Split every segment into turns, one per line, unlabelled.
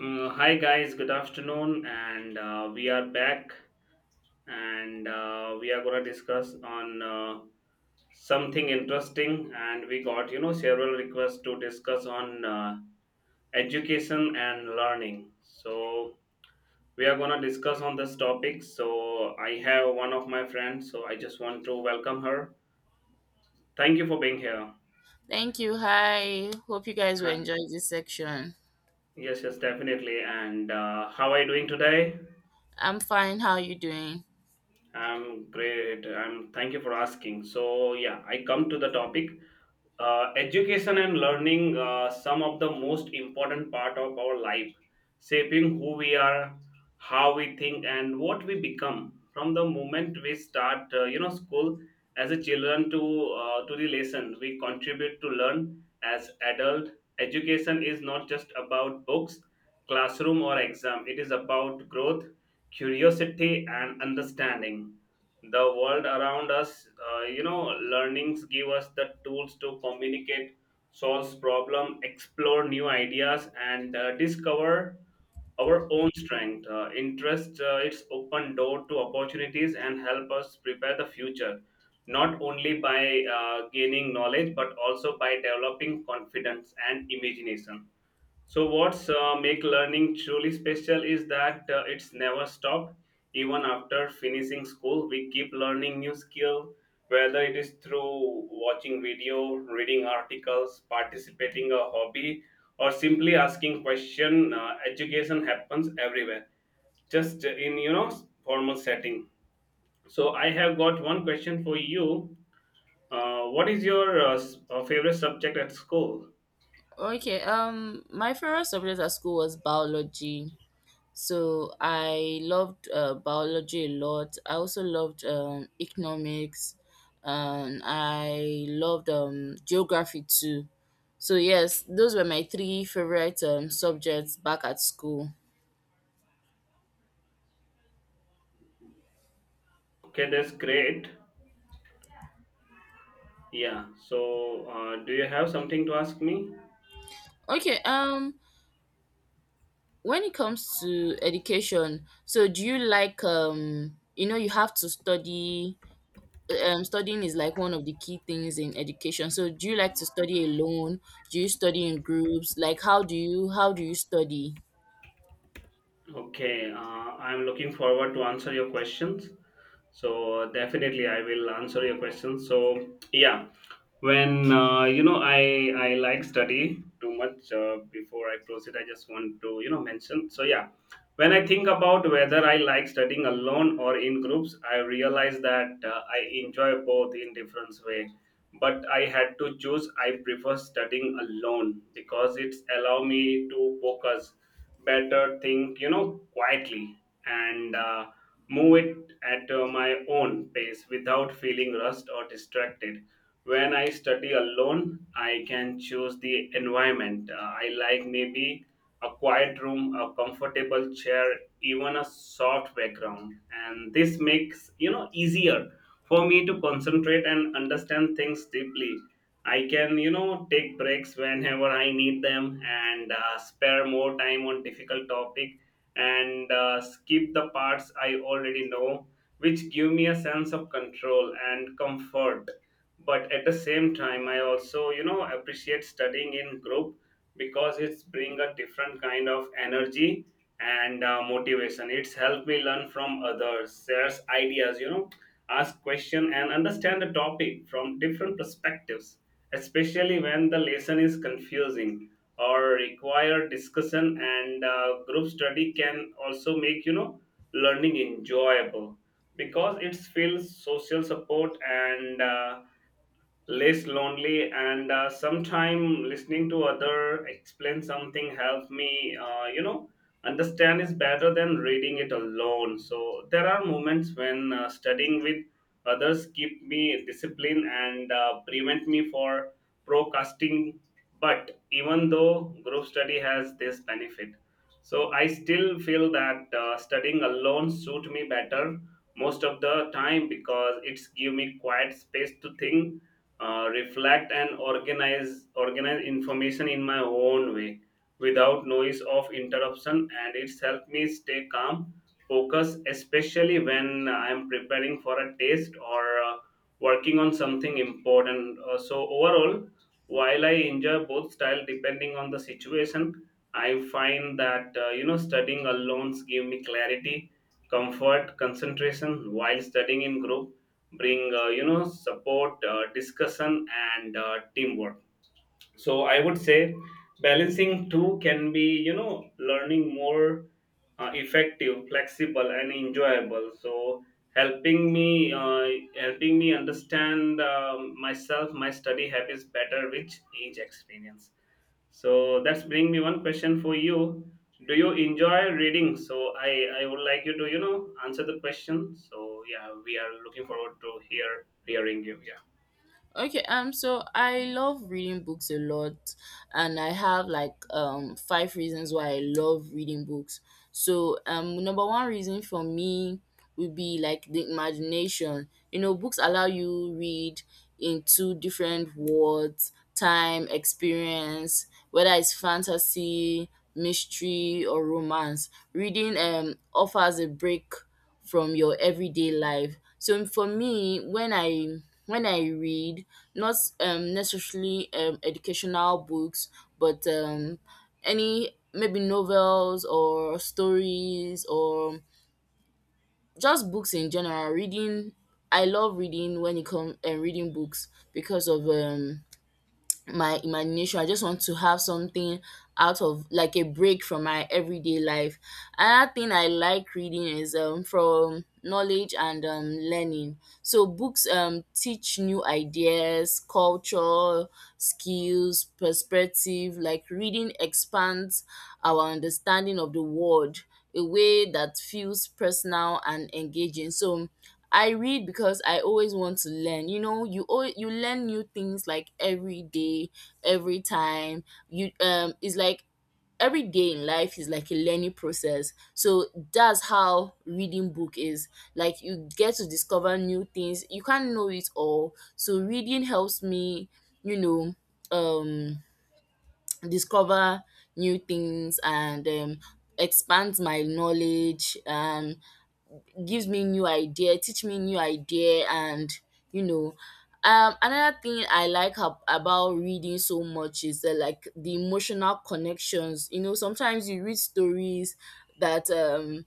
Hi guys, good afternoon, and we are back, and we are gonna discuss on something interesting, and we got several requests to discuss on education and learning. So we are gonna discuss on this topic. So I have one of my friends, so I just want to welcome her. Thank you for being here.
Thank you. Hi. Hope you guys will enjoy
Hi-
this section.
Yes, yes, definitely. And how are you doing today?
I'm fine. How are you doing?
I'm great. I'm Thank you for asking. So yeah, I come to the topic. Education and learning, some of the most important part of our life, shaping who we are, how we think, and what we become. From the moment we start, school as a children to the lesson we contribute to learn as adult. Education is not just about books, classroom, or exam. It is about growth, curiosity, and understanding the world around us. uh, you know Learnings give us the tools to communicate, solve problem, explore new ideas, and discover our own strength, interest. It's open door to opportunities and help us prepare the future, not only by gaining knowledge but also by developing confidence and imagination. So what's make learning truly special is that it's never stopped. Even after finishing school, we keep learning new skill, whether it is through watching video, reading articles, participating a hobby, or simply asking question. Education happens everywhere, just in formal setting. So I have got one question for you. What is your favorite subject at school?
Okay. My favorite subject at school was biology. So I loved biology a lot. I also loved economics. I loved geography too. So yes, those were my three favorite subjects back at school.
Okay, that's great. Yeah, so do you have something to ask me?
Okay. When it comes to education, so do you like you have to study studying is like one of the key things in education. So do you like to study alone? Do you study in groups? Like how do you study?
Okay, I'm looking forward to answer your questions. So definitely I will answer your questions. So yeah, when I like study too much before I close it, I just want to mention. So yeah, when I think about whether I like studying alone or in groups, I realize that I enjoy both in different way, but I had to choose. I prefer studying alone because it's allow me to focus better, think quietly, and move it at my own pace without feeling rushed or distracted. When I study alone, I can choose the environment. I like maybe a quiet room, a comfortable chair, even a soft background. And this makes, easier for me to concentrate and understand things deeply. I can, take breaks whenever I need them, and spare more time on difficult topic, and skip the parts I already know, which give me a sense of control and comfort. But at the same time, I also appreciate studying in group, because it's bring a different kind of energy and motivation. It's helped me learn from others, shares ideas, ask question, and understand the topic from different perspectives, especially when the lesson is confusing or require discussion. And group study can also make learning enjoyable because it feels social support and less lonely. And sometime listening to other explain something help me understand is better than reading it alone. So there are moments when studying with others keep me disciplined and prevent me for procrastinating. But even though group study has this benefit, so I still feel that studying alone suit me better most of the time, because it's give me quiet space to think, reflect, and organize information in my own way without noise of interruption. And it's helped me stay calm, focus, especially when I'm preparing for a test or uh, working on something important. So overall, while I enjoy both style depending on the situation, I find that studying alone give me clarity, comfort, concentration, while studying in group bring support, discussion, and teamwork. So I would say balancing two can be learning more effective, flexible, and enjoyable, so helping me uh, helping me understand myself, my study habits better with each experience. So that's bring me one question for you: do you enjoy reading? So I would like you to answer the question. So yeah, we are looking forward to hearing you. Yeah.
Okay, so I love reading books a lot, and I have like five reasons why I love reading books. So number one reason for me would be like the imagination. You know, books allow you read into different worlds, time, experience, whether it's fantasy, mystery, or romance. Reading offers a break from your everyday life. So for me, when I read, not necessarily educational books, but any maybe novels or stories or just books in general. Reading, I love reading when it comes and reading books because of my imagination. I just want to have something out of like a break from my everyday life. Another thing I like reading is from knowledge and learning. So books teach new ideas, culture, skills, perspective. Like reading expands our understanding of the world a way that feels personal and engaging. So I read because I always want to learn. You know, you learn new things like every day, every time. You it's like every day in life is like a learning process. So that's how reading book is. Like you get to discover new things. You can't know it all. So reading helps me, you know, um discover new things and expands my knowledge and gives me new idea, teach me new idea, and you know. Another thing I like about reading so much is like the emotional connections. You know, sometimes you read stories that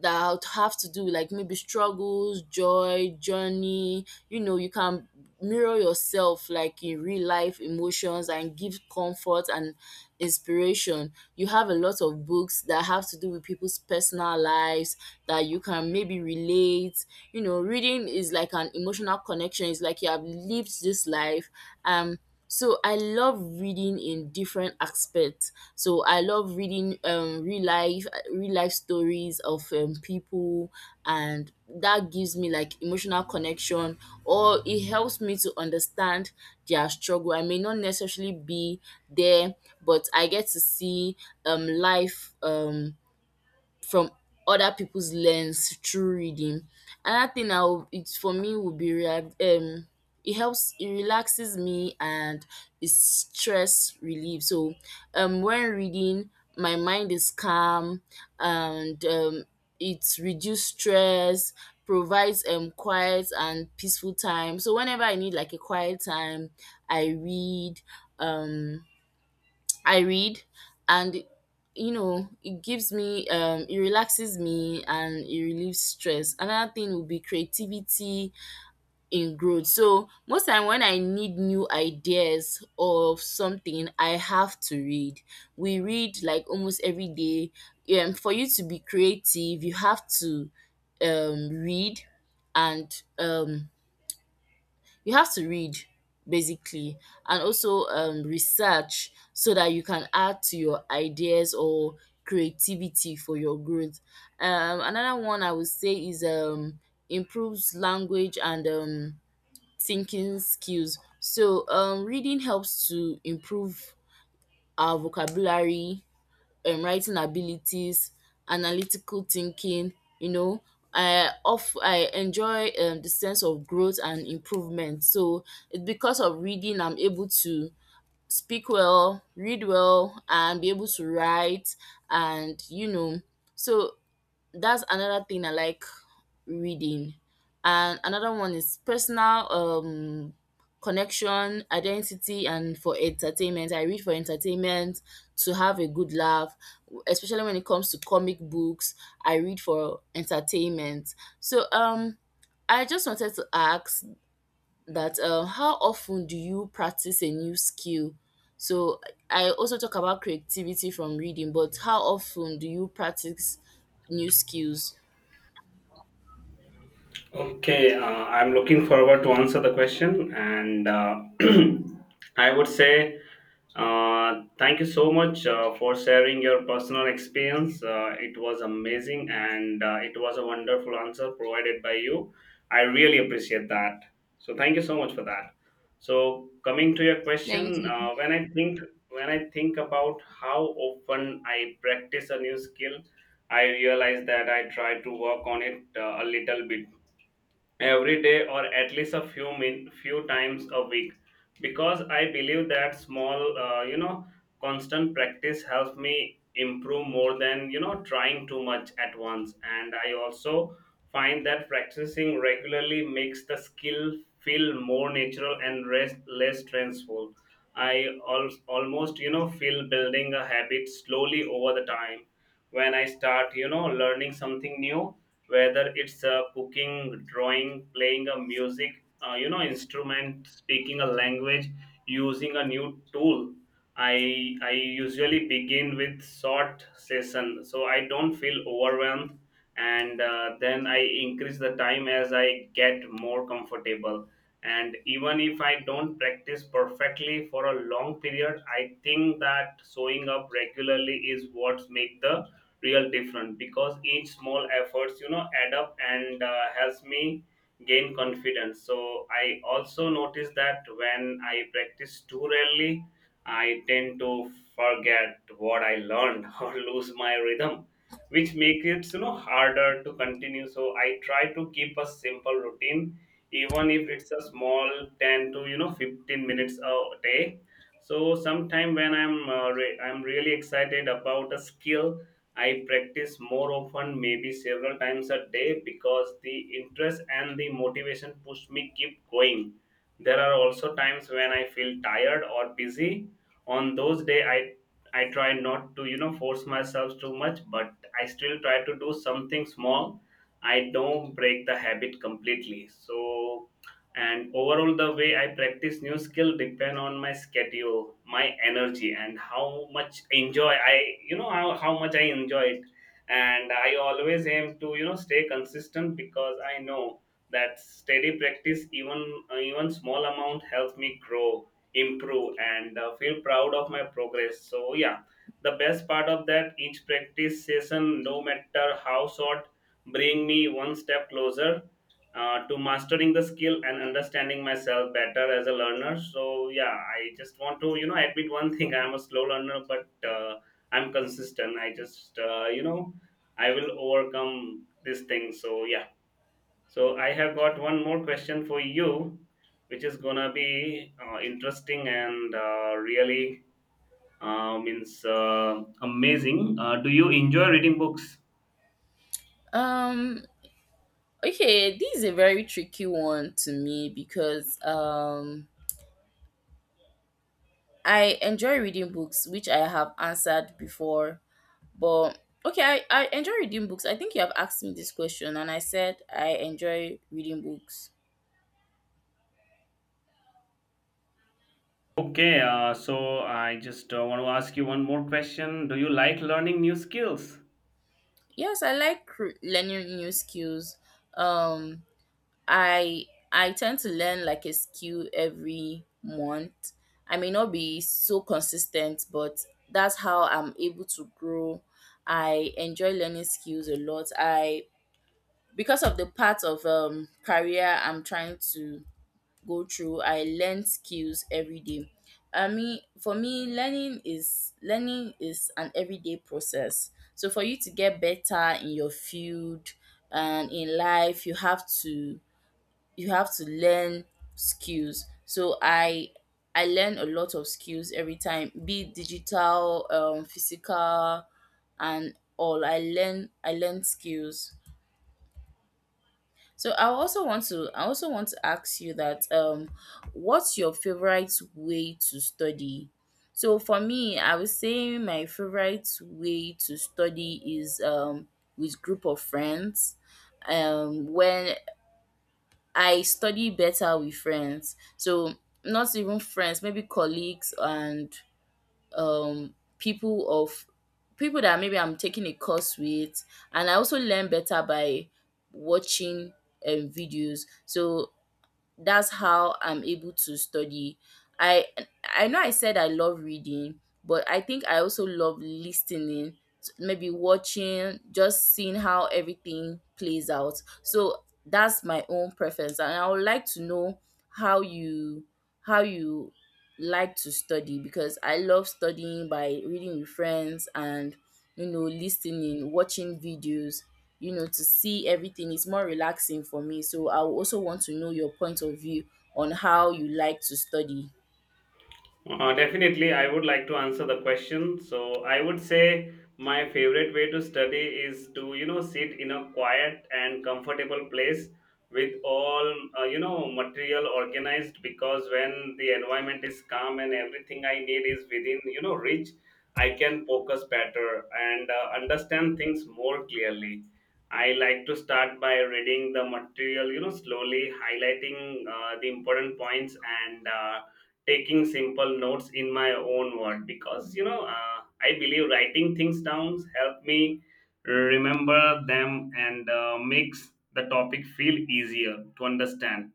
that I would have to do, like maybe struggles, joy, journey. You know, you can mirror yourself like in real life emotions and give comfort and inspiration. You have a lot of books that have to do with people's personal lives that you can maybe relate. You know, reading is like an emotional connection. It's like you have lived this life. Um so I love reading in different aspects. So I love reading real life stories of people, and that gives me like emotional connection or it helps me to understand their struggle. I may not necessarily be there, but I get to see life from other people's lens through reading. Another thing I will it for me would be it helps it relaxes me, and it's stress relief. So when reading my mind is calm, and it reduce stress, provides quiet and peaceful time. So whenever I need like a quiet time, I read, um I read, and you know it gives me it relaxes me and it relieves stress. Another thing would be creativity in growth. So most time when I need new ideas of something, I have to read. We read like almost every day. For you to be creative, you have to read, and you have to read basically, and also research so that you can add to your ideas or creativity for your growth. Another one I would say is improves language and thinking skills. So reading helps to improve our vocabulary, writing abilities, analytical thinking, you know. I enjoy the sense of growth and improvement. So it's because of reading I'm able to speak well, read well, and be able to write, and you know. So that's another thing I like reading. And another one is personal connection, identity, and for entertainment. I read for entertainment, to have a good laugh, especially when it comes to comic books. I read for entertainment. So I just wanted to ask that how often do you practice a new skill? So I also talk about creativity from reading, but how often do you practice new skills?
Okay, I'm looking forward to answer the question, and I would say thank you so much for sharing your personal experience. It was amazing, and it was a wonderful answer provided by you. I really appreciate that. So thank you so much for that. So coming to your
Thank
question,
you.
when I think about how often I practice a new skill, I realize that I try to work on it a little bit every day, or at least a few min few times a week, because I believe that small constant practice helps me improve more than trying too much at once. And I also find that practicing regularly makes the skill feel more natural and rest, less stressful. Almost feel building a habit slowly over the time. When I start learning something new, whether it's cooking, drawing, playing a music, instrument, speaking a language, using a new tool. I usually begin with short session, so I don't feel overwhelmed, and then I increase the time as I get more comfortable. And even if I don't practice perfectly for a long period, I think that showing up regularly is what make the real different, because each small efforts add up and helps me gain confidence. So I also notice that when I practice too rarely, I tend to forget what I learned or lose my rhythm, which makes it harder to continue. So I try to keep a simple routine, even if it's a small 10 to 15 minutes a day. So sometime when I'm I'm really excited about a skill, I practice more often, maybe several times a day, because the interest and the motivation push me keep going. There are also times when I feel tired or busy. On those days, I try not to force myself too much, but I still try to do something small. I don't break the habit completely. So and overall, the way I practice new skill depend on my schedule, my energy, and how much enjoy I you know how much I enjoy it. And I always aim to stay consistent, because I know that steady practice, even even small amount, helps me grow, improve, and feel proud of my progress. So yeah, the best part of that: each practice session, no matter how short, bring me one step closer to mastering the skill and understanding myself better as a learner. So yeah, I just want to admit one thing: I'm a slow learner, but I'm consistent. I just I will overcome this thing. So yeah. So I have got one more question for you, which is gonna be interesting and really means amazing. Do you enjoy reading books?
Um, Okay, this is a very tricky one to me because I enjoy reading books, which I have answered before. But okay, I enjoy reading books. I think you have asked me this question and I said I enjoy reading books.
Okay, so I just want to ask you one more question. Do you like learning new skills?
Yes, I like learning new skills. Um I tend to learn like a skill every month. I may not be so consistent, but that's how I'm able to grow. I enjoy learning skills a lot. I because of the part of career I'm trying to go through, I learn skills every day. I mean, for me, learning is an everyday process. So for you to get better in your field and in life, you have to learn skills. So I learn a lot of skills every time, be it digital, physical, and all. I learn skills. So I also want to ask you that what's your favorite way to study? So for me, I would say my favorite way to study is with group of friends. When I study better with friends. So not even friends, maybe colleagues and um people of people that maybe I'm taking a course with, and I also learn better by watching videos. So that's how I'm able to study. i I know I said I love reading, but I think I also love listening, maybe watching, just seeing how everything plays out. So that's my own preference, and I would like to know how you how you like to study, because I love studying by reading with friends and you know listening, watching videos, you know, to see everything. It's more relaxing for me. So I would also want to know your point of view on how you like to study.
Definitely, I would like to answer the question. So, I would say my favorite way to study is to, sit in a quiet and comfortable place with all, material organized, because when the environment is calm and everything I need is within, reach, I can focus better and understand things more clearly. I like to start by reading the material, slowly, highlighting the important points and taking simple notes in my own word, because I believe writing things down help me remember them and makes the topic feel easier to understand.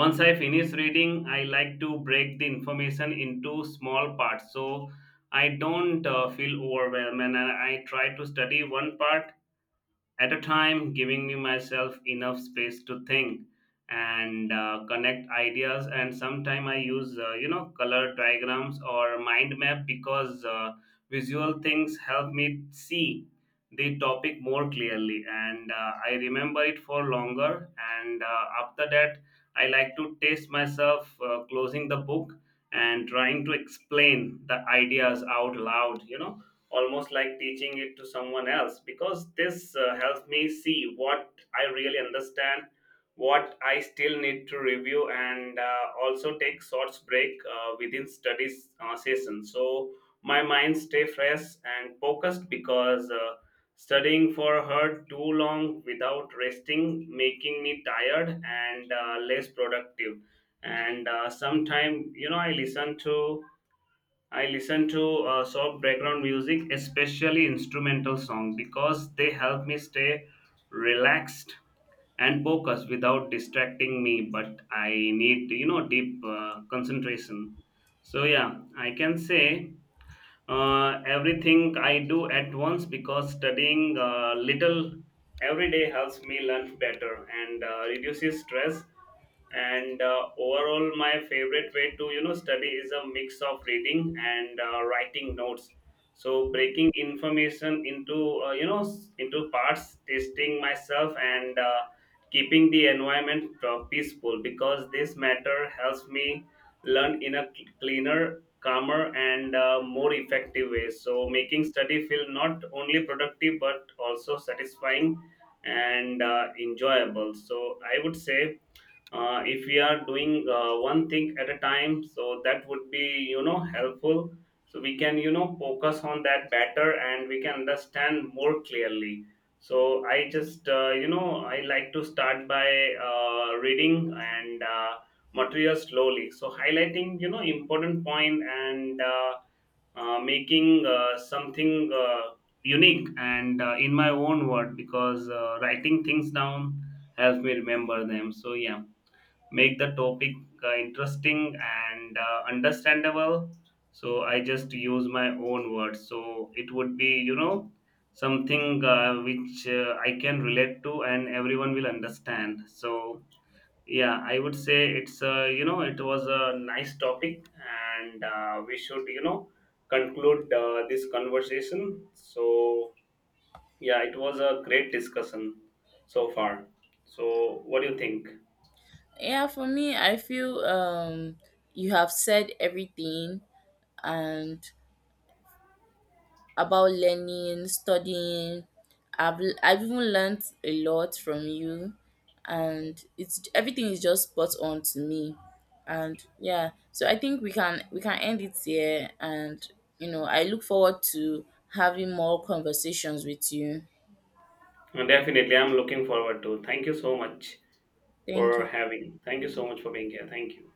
Once I finish reading, I like to break the information into small parts so I don't feel overwhelmed. And I try to study one part at a time, giving me myself enough space to think and connect ideas. And sometimes I use, color diagrams or mind map, because visual things help me see the topic more clearly, and I remember it for longer. And after that, I like to taste myself closing the book and trying to explain the ideas out loud, almost like teaching it to someone else, because this helps me see what I really understand, what I still need to review, and also take short break within studies session. So my mind stay fresh and focused, because studying for her too long without resting making me tired and less productive. And sometime I listen to soft background music, especially instrumental songs, because they help me stay relaxed and focused without distracting me. But I need, deep concentration. So yeah, I can say everything I do at once, because studying little every day helps me learn better and reduces stress. And overall, my favorite way to study is a mix of reading and writing notes. So breaking information into into parts, testing myself, and keeping the environment peaceful, because this matter helps me learn in a cleaner, calmer, and more effective ways, so making study feel not only productive but also satisfying and enjoyable. So I would say if we are doing one thing at a time, so that would be helpful, so we can focus on that better, and we can understand more clearly. So I just I like to start by reading and material slowly, so highlighting important point and making something unique and in my own word, because writing things down helps me remember them. So yeah, make the topic interesting and understandable. So I just use my own words, so it would be something which I can relate to, and everyone will understand. So yeah, I would say it's it was a nice topic, and we should conclude this conversation. So yeah, it was a great discussion so far. So what do you think?
Yeah, for me, I feel you have said everything and about learning, studying. I've even learned a lot from you, and it's everything is just spot on to me. And yeah, so I think we can end it here, and you know, I look forward to having more conversations with you.
Definitely, I'm looking forward to. Thank you so much
Thank
for
you.
having. Thank you so much for being here. Thank you.